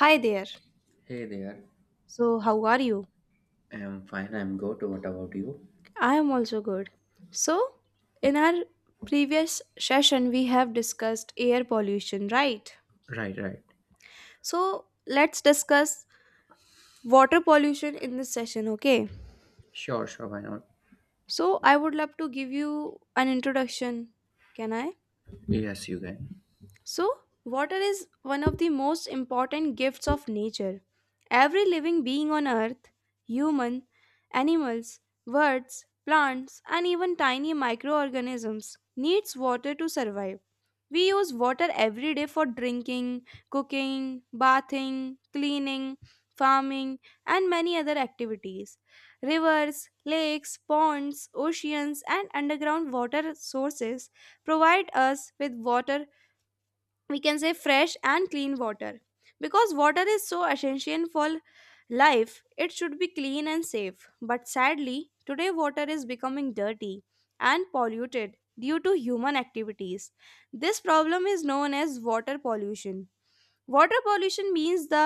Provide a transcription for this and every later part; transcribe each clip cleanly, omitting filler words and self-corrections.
Hi there. Hey there. So, how are you? I'm fine. I'm good. What about you? I am also good. So, in our previous session, we have discussed air pollution, right? Right, right. So, let's discuss water pollution in this session, okay? Sure, sure, why not? So, I would love to give you an introduction. Can I? Yes, you can. So, water is one of the most important gifts of nature. Every living being on earth, human, animals, birds, plants, and even tiny microorganisms, needs water to survive. We use water every day for drinking, cooking, bathing, cleaning, farming, and many other activities. Rivers, lakes, ponds, oceans, and underground water sources provide us with water, we can say fresh and clean water. Because water is so essential for life, it should be clean and safe, but sadly, today water is becoming dirty and polluted due to human activities. This problem is known as water pollution. Water pollution means the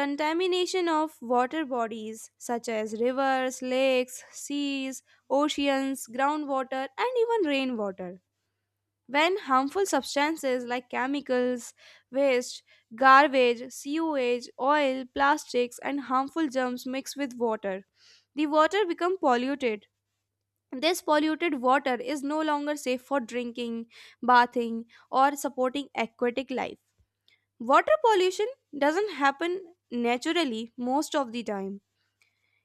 contamination of water bodies such as rivers, lakes, seas, oceans, groundwater, and even rainwater. When harmful substances like chemicals, waste, garbage, sewage, oil, plastics, and harmful germs mix with water, the water becomes polluted. This polluted water is no longer safe for drinking, bathing, or supporting aquatic life. Water pollution doesn't happen naturally most of the time.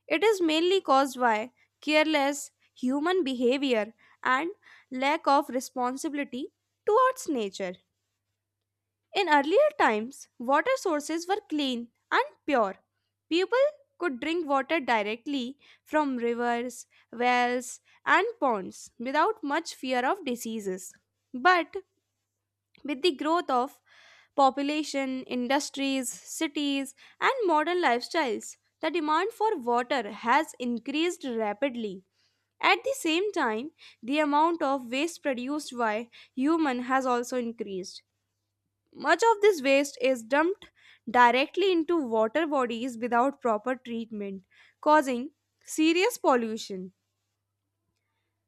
It is mainly caused by careless human behavior and lack of responsibility towards nature. In earlier times, water sources were clean and pure. People could drink water directly from rivers, wells, and ponds without much fear of diseases. But with the growth of population, industries, cities, and modern lifestyles, the demand for water has increased rapidly. At the same time, the amount of waste produced by human has also increased. Much of this waste is dumped directly into water bodies without proper treatment, causing serious pollution.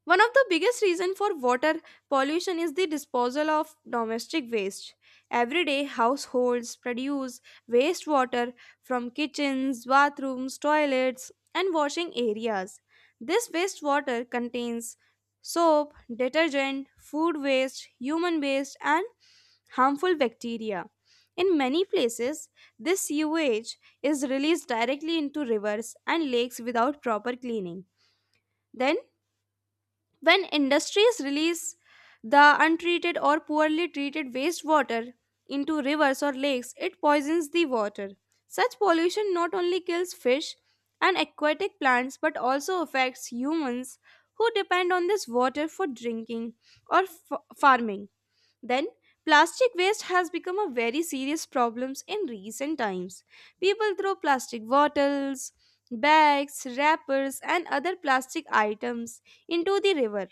One of the biggest reasons for water pollution is the disposal of domestic waste. Everyday households produce wastewater from kitchens, bathrooms, toilets, and washing areas. This wastewater contains soap, detergent, food waste, human waste, and harmful bacteria. In many places, this sewage is released directly into rivers and lakes without proper cleaning. Then when industries release the untreated or poorly treated wastewater into rivers or lakes, it poisons the water. Such pollution not only kills fish and aquatic plants but also affects humans who depend on this water for drinking or farming. Then, plastic waste has become a very serious problem in recent times. People throw plastic bottles, bags, wrappers, and other plastic items into the river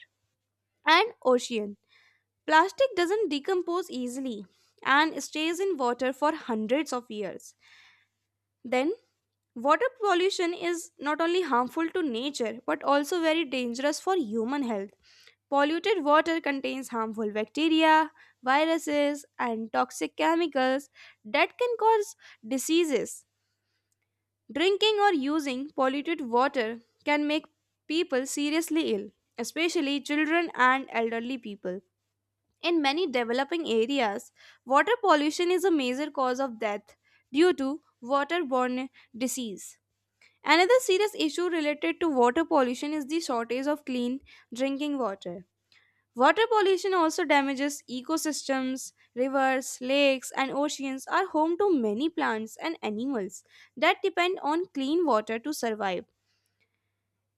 and ocean. Plastic doesn't decompose easily and stays in water for hundreds of years. Then, water pollution is not only harmful to nature but also very dangerous for human health. Polluted water contains harmful bacteria, viruses, and toxic chemicals that can cause diseases. Drinking or using polluted water can make people seriously ill, especially children and elderly people. In many developing areas, water pollution is a major cause of death due to waterborne disease. Another serious issue related to water pollution is the shortage of clean drinking water. Water pollution also damages ecosystems. Rivers, lakes, and oceans are home to many plants and animals that depend on clean water to survive.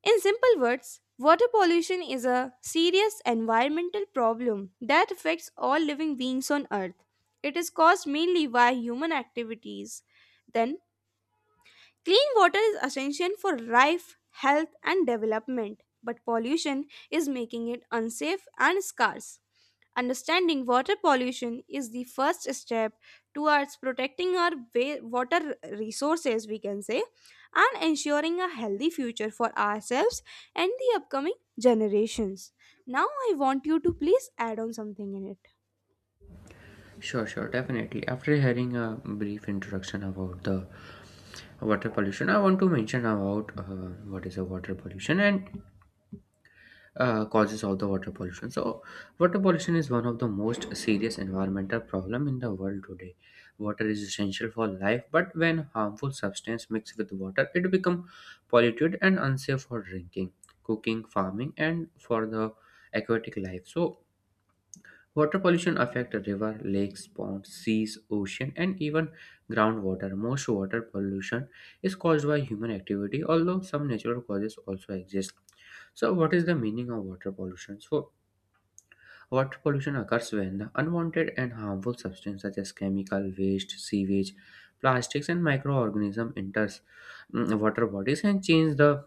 In simple words, water pollution is a serious environmental problem that affects all living beings on Earth. It is caused mainly by human activities. Then, clean water is essential for life, health, and development, but pollution is making it unsafe and scarce. Understanding water pollution is the first step towards protecting our water resources, we can say, and ensuring a healthy future for ourselves and the upcoming generations. Now, I want you to please add on something in it. Sure, sure. Definitely. After hearing a brief introduction about the water pollution, I want to mention about what is a water pollution and causes of the water pollution. So, water pollution is one of the most serious environmental problem in the world today. Water is essential for life, but when harmful substance mix with water, it become polluted and unsafe for drinking, cooking, farming, and for the aquatic life. So, water pollution affects river, lakes, ponds, seas, ocean, and even groundwater. Most water pollution is caused by human activity, although some natural causes also exist. So, what is the meaning of water pollution? So, water pollution occurs when the unwanted and harmful substances such as chemical waste, sewage, plastics, and microorganisms enters water bodies and change the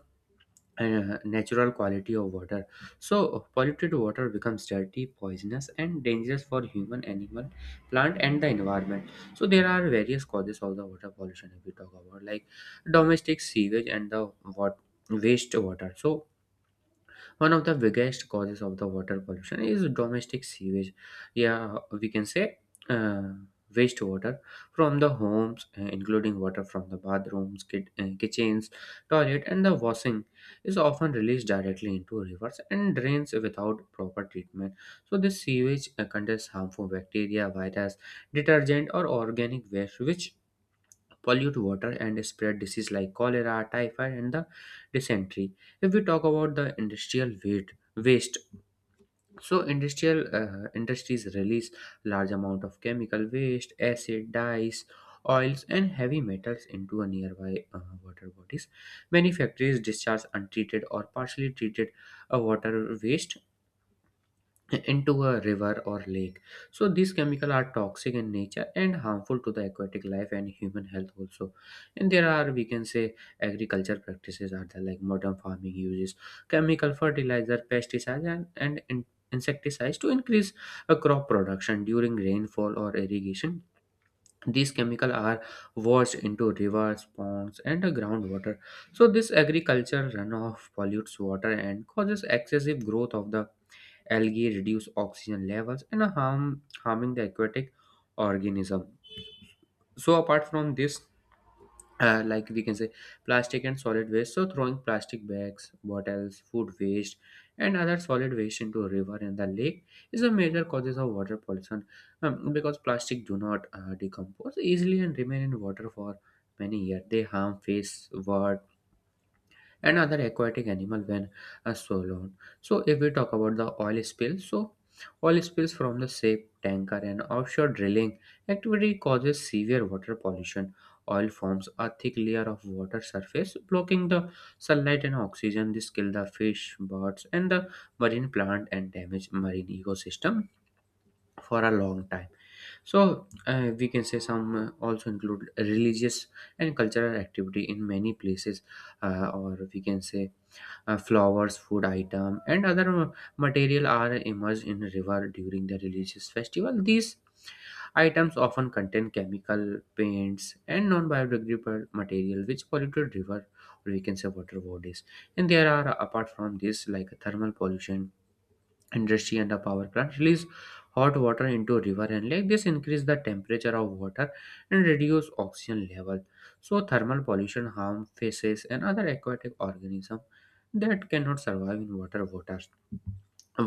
natural quality of water. So polluted water becomes dirty, poisonous, and dangerous for human, animal, plant, and the environment. So there are various causes of the water pollution. If we talk about like domestic sewage and the wat- waste water, so one of the biggest causes of the water pollution is domestic sewage. Yeah, we can say uh, wastewater from the homes, including water from the bathrooms, kitchens, toilet, and the washing, is often released directly into rivers and drains without proper treatment. So, this sewage contains harmful bacteria, virus, detergent, or organic waste, which pollute water and spread disease like cholera, typhoid, and the dysentery. If we talk about the industrial waste, so industrial industries release large amount of chemical waste, acid, dyes, oils, and heavy metals into a nearby water bodies. Many factories discharge untreated or partially treated water waste into a river or lake. So these chemicals are toxic in nature and harmful to the aquatic life and human health also. And there are, we can say, agriculture practices are there. Like modern farming uses chemical fertilizer, pesticides, and insecticides to increase a crop production during rainfall or irrigation. These chemicals are washed into rivers, ponds, and the groundwater. So this agriculture runoff pollutes water and causes excessive growth of the algae, reduce oxygen levels, and harming the aquatic organism. So apart from this, like we can say, plastic and solid waste, so throwing plastic bags, bottles, food waste, and other solid waste into a river and the lake is a major causes of water pollution, because plastic do not decompose easily and remain in water for many years. They harm face, word and other aquatic animal when swallowed. So if we talk about the oil spill, so oil spills from the ship, tanker, and offshore drilling activity causes severe water pollution. Oil forms a thick layer of water surface, blocking the sunlight and oxygen. This kills the fish, birds, and the marine plant, and damage marine ecosystem for a long time. So we can say some also include religious and cultural activity. In many places, or we can say, flowers, food item, and other material are immersed in river during the religious festival. These items often contain chemical paints and non-biodegradable material, which polluted river, or we can say, water bodies. And there are, apart from this, like thermal pollution. Industry and a power plant release hot water into river and lake. This increase the temperature of water and reduce oxygen level. So thermal pollution harm fishes and other aquatic organisms that cannot survive in water waters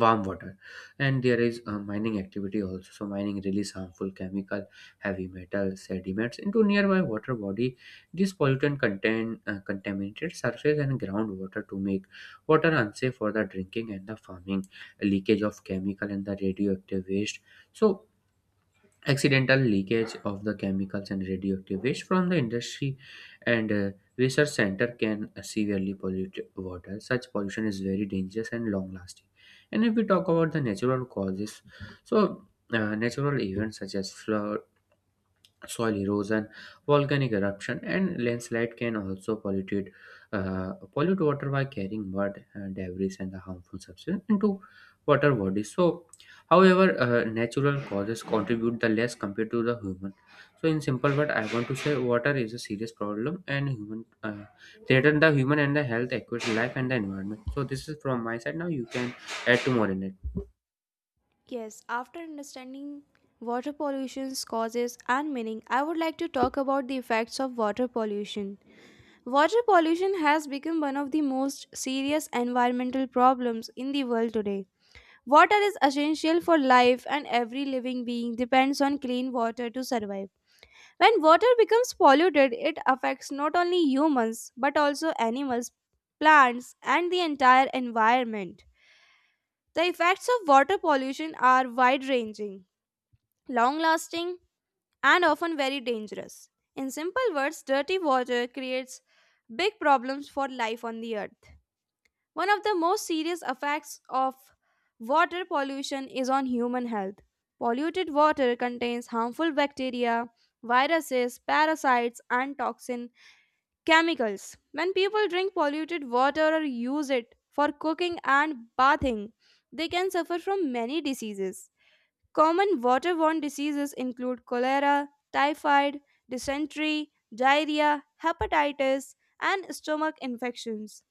warm water. And there is mining activity also. So mining release harmful chemical, heavy metal sediments into nearby water body. This pollutant contain, contaminated surface and groundwater, to make water unsafe for the drinking and the farming. Leakage of chemical and the radioactive waste, so accidental leakage of the chemicals and radioactive waste from the industry and research center can severely pollute water. Such pollution is very dangerous and long lasting. And if we talk about the natural causes, so natural events such as flood, soil erosion, volcanic eruption, and landslide can also pollute water by carrying mud, debris, and the harmful substance into water bodies. So, however, natural causes contribute the less compared to the human. So, in simple word, I want to say water is a serious problem, and human threaten the human and the health, equity, life, and the environment. So, this is from my side. Now, you can add to more in it. Yes, after understanding water pollution's causes and meaning, I would like to talk about the effects of water pollution. Water pollution has become one of the most serious environmental problems in the world today. Water is essential for life, and every living being depends on clean water to survive. When water becomes polluted, it affects not only humans but also animals, plants, and the entire environment. The effects of water pollution are wide ranging, long lasting, and often very dangerous. In simple words, dirty water creates big problems for life on the earth. One of the most serious effects of water pollution is on human health. Polluted water contains harmful bacteria, viruses, parasites, and toxin chemicals. When people drink polluted water or use it for cooking and bathing, they can suffer from many diseases. Common waterborne diseases include cholera, typhoid, dysentery, diarrhea, hepatitis, and stomach infections.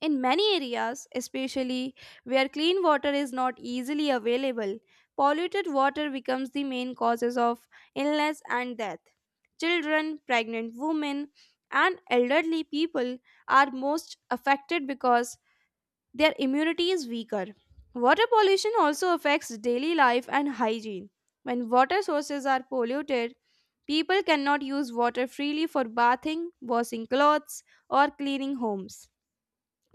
In many areas, especially where clean water is not easily available, polluted water becomes the main causes of illness and death. Children, pregnant women, and elderly people are most affected because their immunity is weaker. Water pollution also affects daily life and hygiene. When water sources are polluted, people cannot use water freely for bathing, washing clothes, or cleaning homes.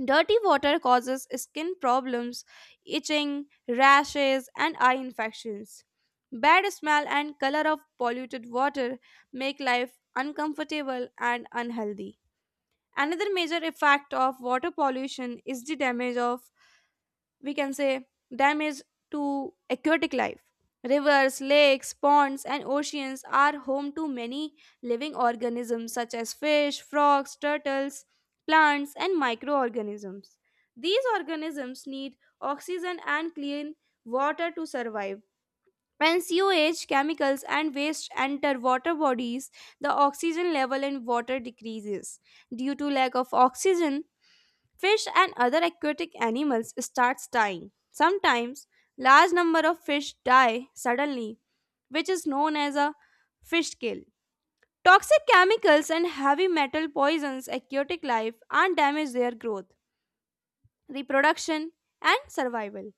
Dirty water causes skin problems, itching, rashes, and eye infections. Bad smell and color of polluted water make life uncomfortable and unhealthy. Another major effect of water pollution is the damage of, we can say, damage to aquatic life. Rivers, lakes, ponds, and oceans are home to many living organisms such as fish, frogs, turtles, plants, and microorganisms. These organisms need oxygen and clean water to survive. When sewage, chemicals, and waste enter water bodies, the oxygen level in water decreases. Due to lack of oxygen, fish and other aquatic animals starts dying. Sometimes large number of fish die suddenly, which is known as a fish kill. Toxic chemicals and heavy metal poisons aquatic life and damage their growth, reproduction and survival.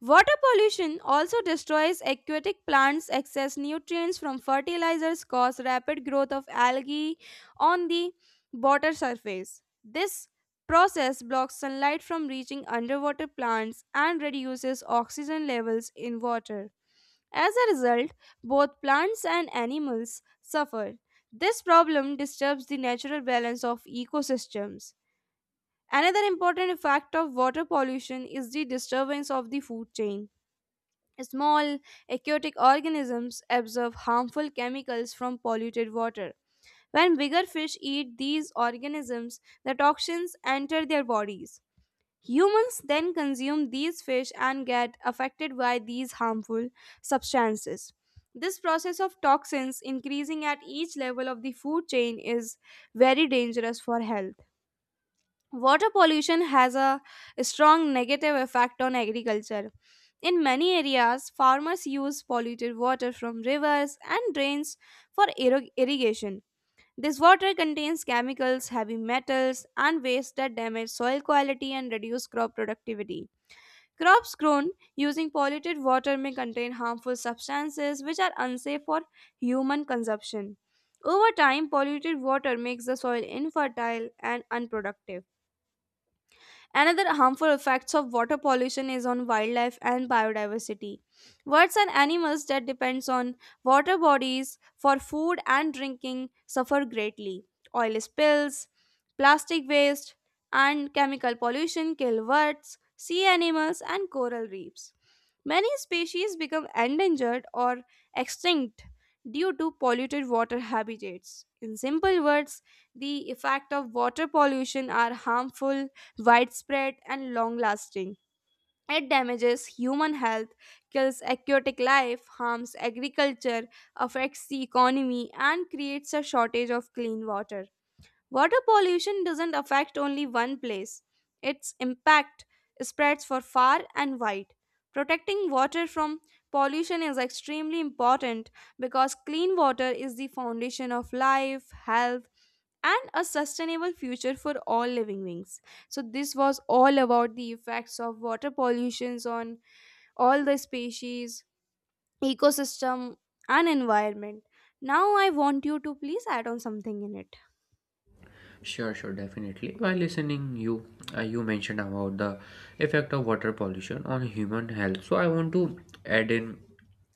Water pollution also destroys aquatic plants. Excess nutrients from fertilizers cause rapid growth of algae on the water surface. This process blocks sunlight from reaching underwater plants and reduces oxygen levels in water. As a result, both plants and animals suffer. This problem disturbs the natural balance of ecosystems. Another important effect of water pollution is the disturbance of the food chain. Small aquatic organisms absorb harmful chemicals from polluted water. When bigger fish eat these organisms, the toxins enter their bodies. Humans then consume these fish and get affected by these harmful substances. This process of toxins increasing at each level of the food chain is very dangerous for health. Water pollution has a strong negative effect on agriculture. In many areas, farmers use polluted water from rivers and drains for irrigation. This water contains chemicals, heavy metals, and waste that damage soil quality and reduce crop productivity. Crops grown using polluted water may contain harmful substances which are unsafe for human consumption. Over time, polluted water makes the soil infertile and unproductive. Another harmful effects of water pollution is on wildlife and biodiversity. Birds and animals that depends on water bodies for food and drinking suffer greatly. Oil spills, plastic waste, and chemical pollution kill birds, sea animals, and coral reefs. Many species become endangered or extinct due to polluted water habitats. In simple words, the effect of water pollution are harmful, widespread and long lasting. It damages human health, kills aquatic life, harms agriculture, affects the economy, and creates a shortage of clean water. Water pollution doesn't affect only one place, its impact spreads for far and wide. Protecting water from pollution is extremely important because clean water is the foundation of life, health, and a sustainable future for all living beings. So this was all about the effects of water pollutions on all the species, ecosystem and environment. Now I want you to please add on something in it. Sure, sure, definitely. While listening, you mentioned about the effect of water pollution on human health. So I want to add in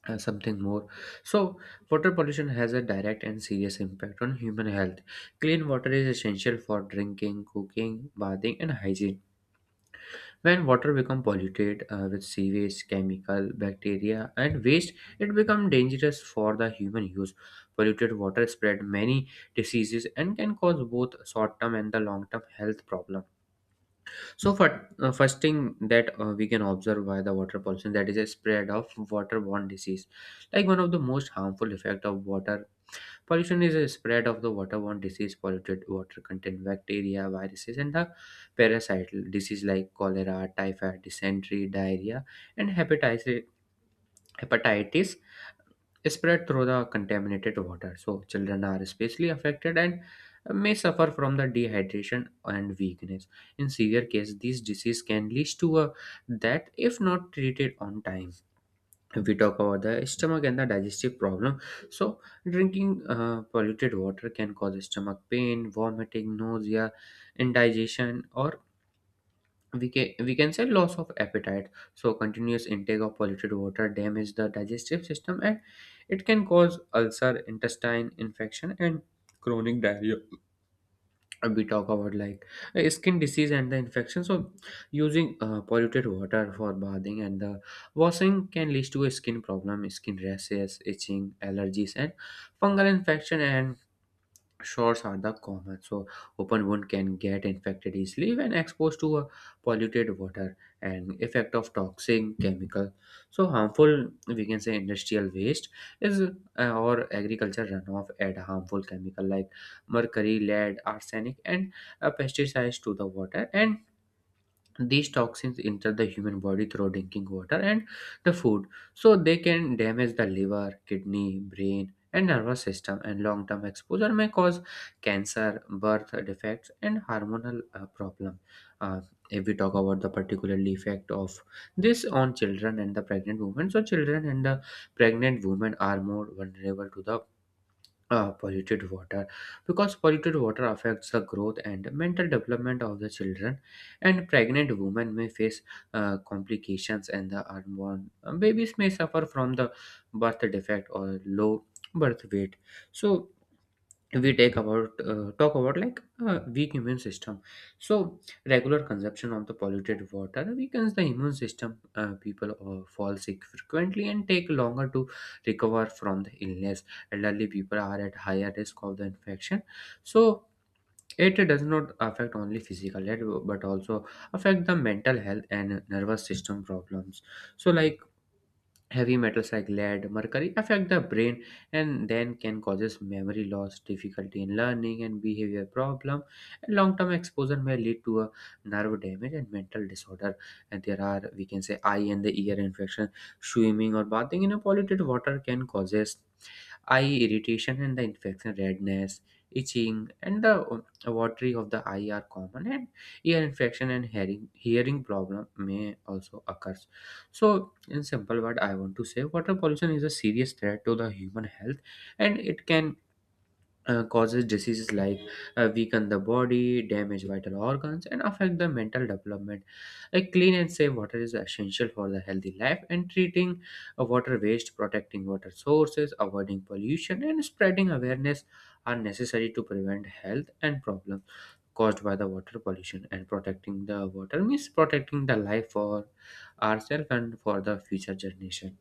something more. So water pollution has a direct and serious impact on human health. Clean water is essential for drinking, cooking, bathing, and hygiene. When water becomes polluted with sewage, chemical, bacteria, and waste, it becomes dangerous for the human use. Polluted water spread many diseases and can cause both short-term and the long-term health problem. So, for first thing that we can observe by the water pollution, that is a spread of waterborne disease. Like one of the most harmful effect of water pollution is a spread of the waterborne disease. Polluted water contain bacteria, viruses, and the parasital disease like cholera, typhoid, dysentery, diarrhea, and hepatitis. Hepatitis spread through the contaminated water. So children are especially affected and may suffer from the dehydration and weakness. In severe case, these disease can lead to a that if not treated on time. If we talk about the stomach and the digestive problem, so drinking polluted water can cause stomach pain, vomiting, nausea, indigestion, or we can say loss of appetite. So continuous intake of polluted water damage the digestive system, and it can cause ulcer, intestine infection, and chronic diarrhea. We talk about like skin disease and the infection. So using polluted water for bathing and the washing can lead to a skin problem, skin rashes, itching, allergies, and fungal infection. And shores are the common, so open wound can get infected easily when exposed to a polluted water, and effect of toxic chemical. So harmful, we can say industrial waste is or agriculture runoff, add harmful chemical like mercury, lead, arsenic, and pesticides to the water. And these toxins enter the human body through drinking water and the food, so they can damage the liver, kidney, brain, and nervous system. And long-term exposure may cause cancer, birth defects, and hormonal problem. Uh, if we talk about the particular effect of this on children and the pregnant women, so children and the pregnant women are more vulnerable to the polluted water, because polluted water affects the growth and mental development of the children. And pregnant women may face complications, and the unborn babies may suffer from the birth defect or low birth weight. So we take about talk about like weak immune system. So regular consumption of the polluted water weakens the immune system. People fall sick frequently and take longer to recover from the illness. Elderly people are at higher risk of the infection. So it does not affect only physical health, but also affect the mental health and nervous system problems. So like, heavy metals like lead, mercury affect the brain and then can causes memory loss, difficulty in learning, and behavior problem. And long-term exposure may lead to a nerve damage and mental disorder. And there are, we can say, eye and the ear infection. Swimming or bathing in a polluted water can causes eye irritation and the infection. Redness, itching, and the watery of the eye are common. And ear infection and hearing problem may also occur. So, in simple word, I want to say water pollution is a serious threat to the human health, and it can causes diseases like, weaken the body, damage vital organs, and affect the mental development. A clean and safe water is essential for the healthy life, and treating water waste, protecting water sources, avoiding pollution, and spreading awareness are necessary to prevent health and problems caused by the water pollution. And protecting the water means protecting the life for ourselves and for the future generation.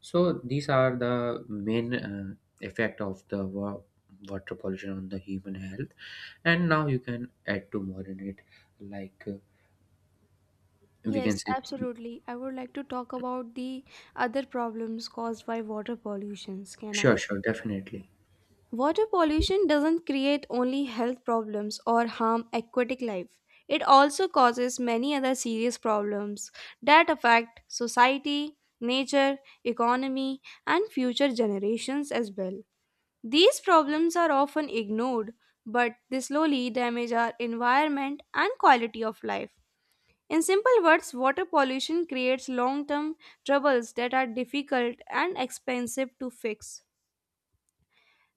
So these are the main effect of the water pollution on the human health. And now you can add to more in it, like we can Yes, say. absolutely. I would like to talk about the other problems caused by water pollutions. Can Sure, I? sure, definitely. Water pollution doesn't create only health problems or harm aquatic life. It also causes many other serious problems that affect society, nature, economy, and future generations as well. These problems are often ignored, but they slowly damage our environment and quality of life. In simple words, water pollution creates long term troubles that are difficult and expensive to fix.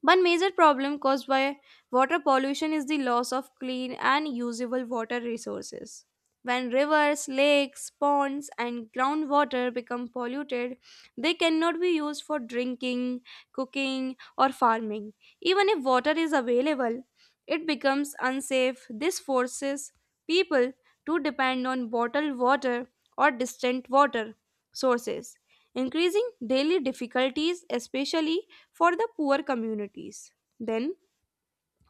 One major problem caused by water pollution is the loss of clean and usable water resources. When rivers, lakes, ponds, and groundwater become polluted, they cannot be used for drinking, cooking, or farming. Even if water is available, it becomes unsafe. This forces people to depend on bottled water or distant water sources, increasing daily difficulties, especially for the poor communities. Then,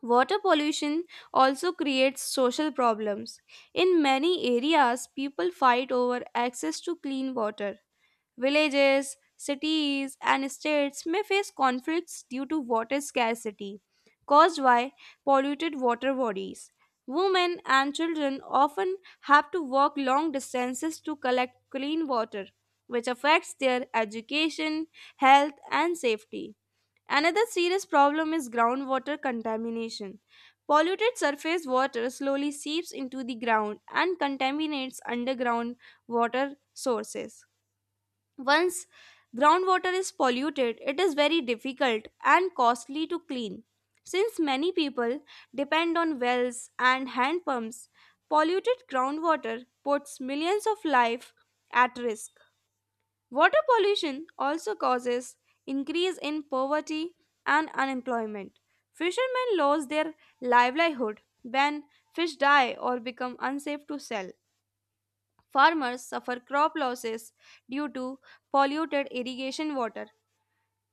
water pollution also creates social problems. In many areas, people fight over access to clean water. Villages, cities, and states may face conflicts due to water scarcity caused by polluted water bodies. Women and children often have to walk long distances to collect clean water, which affects their education, health, and safety. Another serious problem is groundwater contamination. Polluted surface water slowly seeps into the ground and contaminates underground water sources. Once groundwater is polluted, it is very difficult and costly to clean. Since many people depend on wells and hand pumps, polluted groundwater puts millions of life at risk. Water pollution also causes increase in poverty and unemployment. Fishermen lose their livelihood when fish die or become unsafe to sell. Farmers suffer crop losses due to polluted irrigation water.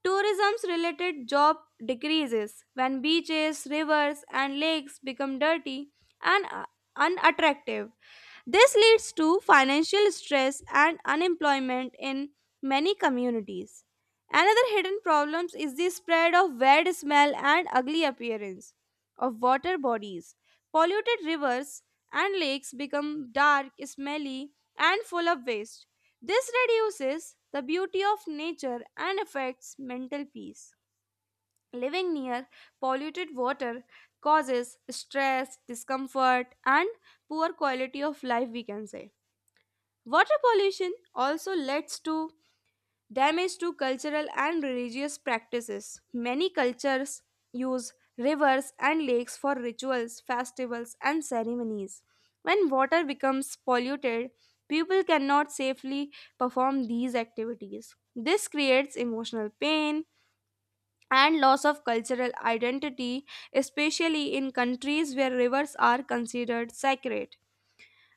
Tourism's related job decreases when beaches, rivers and lakes become dirty and unattractive. This leads to financial stress and unemployment in many communities. Another hidden problem is the spread of bad smell and ugly appearance of water bodies. Polluted rivers and lakes become dark, smelly, and full of waste. This reduces the beauty of nature and affects mental peace. Living near polluted water causes stress, discomfort, and poor quality of life, we can say. Water pollution also leads to damage to cultural and religious practices. Many cultures use rivers and lakes for rituals, festivals, and ceremonies. When water becomes polluted, people cannot safely perform these activities. This creates emotional pain and loss of cultural identity, especially in countries where rivers are considered sacred.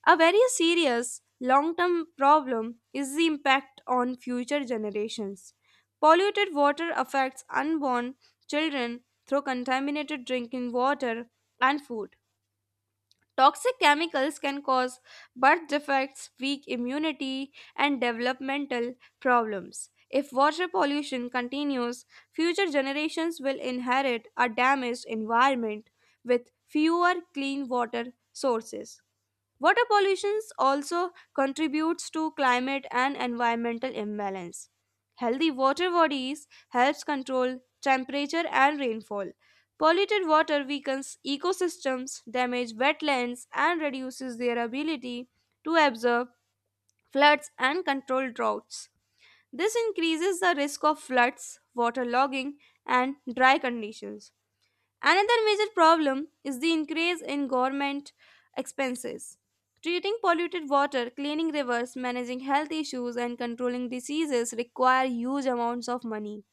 A very serious long term problem is the impact on future generations. Polluted water affects unborn children through contaminated drinking water and food. Toxic chemicals can cause birth defects, weak immunity, and developmental problems. If water pollution continues, future generations will inherit a damaged environment with fewer clean water sources. Water pollution also contributes to climate and environmental imbalance. Healthy water bodies helps control temperature and rainfall. Polluted water weakens ecosystems, damage wetlands and reduces their ability to absorb floods and control droughts. This increases the risk of floods, water logging and dry conditions. Another major problem is the increase in government expenses. Treating polluted water, cleaning rivers, managing health issues, and controlling diseases require huge amounts of money.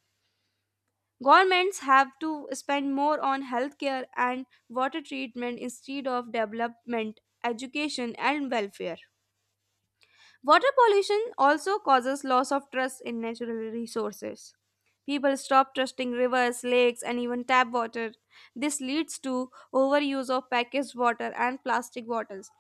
Governments have to spend more on healthcare and water treatment instead of development, education, and welfare. Water pollution also causes loss of trust in natural resources. People stop trusting rivers, lakes, and even tap water. This leads to overuse of packaged water and plastic bottles,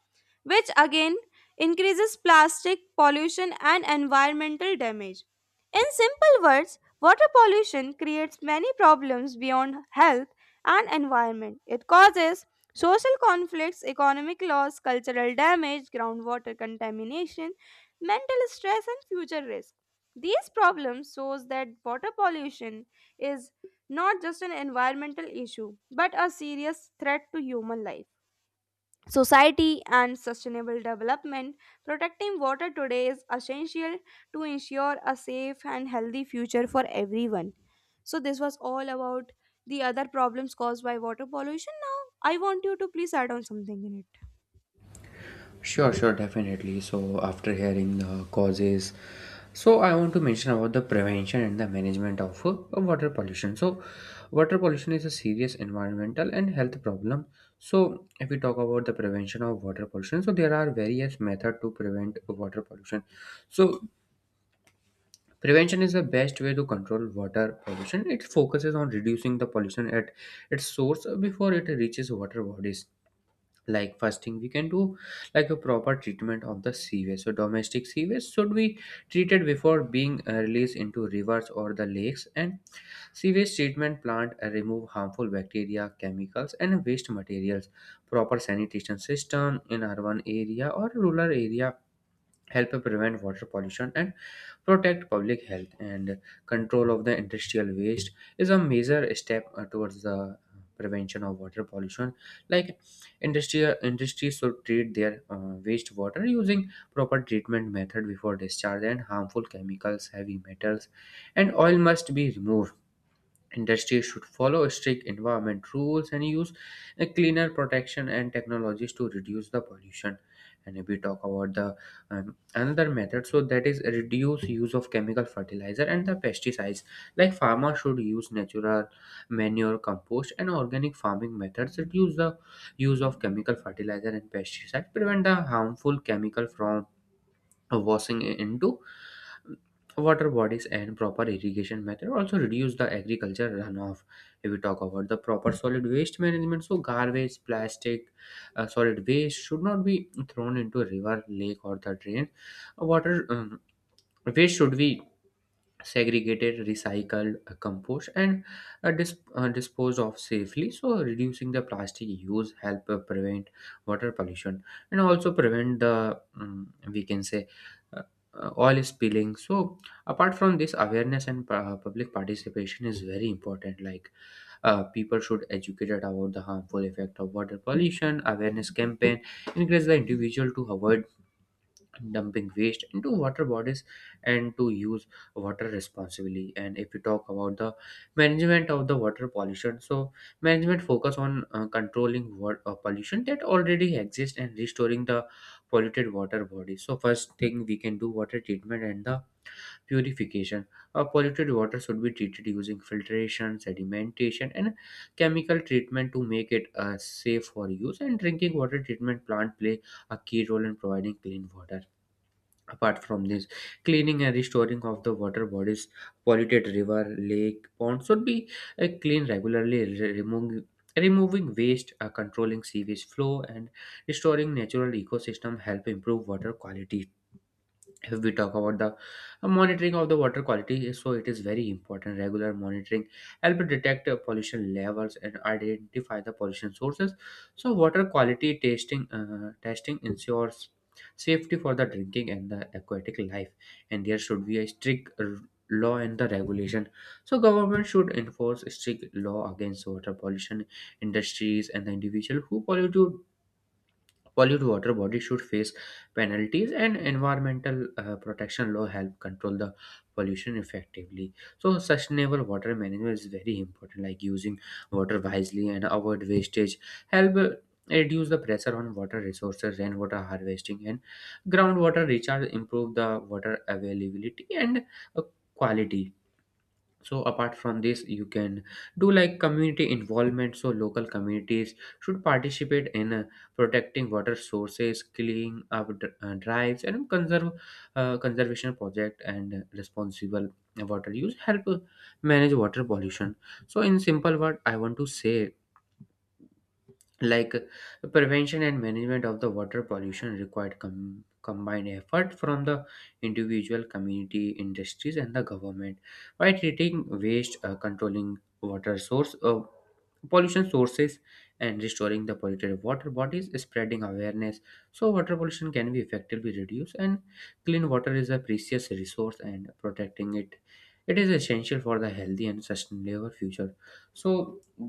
which again increases plastic pollution and environmental damage. In simple words, water pollution creates many problems beyond health and environment. It causes social conflicts, economic loss, cultural damage, groundwater contamination, mental stress and future risk. These problems shows that water pollution is not just an environmental issue but a serious threat to human life, society and sustainable development. Protecting water today is essential to ensure a safe and healthy future for everyone. So this was all about the other problems caused by water pollution. Now I want you to please add on something in it. Sure, sure, definitely. So, after hearing the causes, so I want to mention about the prevention and the management of water pollution. So, water pollution is a serious environmental and health problem. So, if we talk about the prevention of water pollution, so there are various methods to prevent water pollution. So, prevention is the best way to control water pollution. It focuses on reducing the pollution at its source before it reaches water bodies. Like, first thing we can do, like a proper treatment of the sewage. So domestic sewage should be treated before being released into rivers or the lakes, and sewage treatment plant remove harmful bacteria, chemicals, and waste materials. Proper sanitation system in urban area or rural area help prevent water pollution and protect public health. And control of the industrial waste is a major step towards the prevention of water pollution. Like, industrial industries should treat their wastewater using proper treatment method before discharge, and harmful chemicals, heavy metals, and oil must be removed. Industries should follow strict environment rules and use a cleaner protection and technologies to reduce the pollution. And if we talk about the another method, so that is reduce use of chemical fertilizer and the pesticides. Like, farmers should use natural manure, compost, and organic farming methods. Reduce the use of chemical fertilizer and pesticides. Prevent the harmful chemical from washing into water bodies, and proper irrigation method also reduce the agriculture runoff. If we talk about the proper solid waste management, so garbage, plastic, solid waste should not be thrown into a river, lake, or the drain water. Waste should be segregated, recycled, compost, and disposed of safely. So, reducing the plastic use help prevent water pollution, and also prevent the we can say uh, oil spilling. So, apart from this, awareness and public participation is very important. Like, people should educate about the harmful effect of water pollution. Awareness campaign encourage the individual to avoid dumping waste into water bodies and to use water responsibly. And if you talk about the management of the water pollution, so management focus on controlling water pollution that already exists and restoring the polluted water bodies. So first thing we can do, water treatment and the purification. Polluted water should be treated using filtration, sedimentation, and chemical treatment to make it safe for use, and drinking water treatment plant play a key role in providing clean water. Apart from this, cleaning and restoring of the water bodies, polluted river, lake, pond should be cleaned regularly, removing removing waste, controlling sewage flow, and restoring natural ecosystem help improve water quality. If we talk about the monitoring of the water quality, so it is very important. Regular monitoring help detect pollution levels and identify the pollution sources. So water quality testing, testing ensures safety for the drinking and the aquatic life. And there should be a strict law and the regulation. So government should enforce strict law against water pollution. Industries and the individual who pollute polluted water bodies should face penalties, and environmental protection law help control the pollution effectively. So, sustainable water management is very important, like using water wisely and avoid wastage. Help reduce the pressure on water resources. Rainwater harvesting and groundwater recharge improve the water availability and uh, quality. So apart from this, you can do like community involvement. So local communities should participate in protecting water sources, cleaning up drives, and conserve conservation project, and responsible water use help manage water pollution. So in simple word, I want to say, like, prevention and management of the water pollution required combined effort from the individual, community, industries, and the government. By treating waste, controlling water source pollution sources and restoring the polluted water bodies, spreading awareness, so water pollution can be effectively reduced. And clean water is a precious resource, and protecting it, it is essential for the healthy and sustainable future. So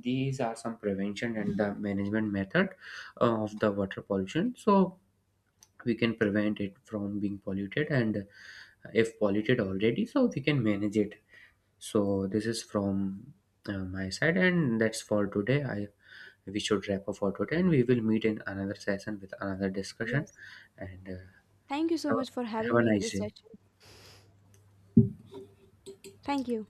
these are some prevention and the management method of the water pollution. So we can prevent it from being polluted, and if polluted already, so we can manage it. So this is from my side, and that's for today. I We should wrap up for today, and we will meet in another session with another discussion. Yes. And Thank you so much for have having a me in nice this day. session. Thank you.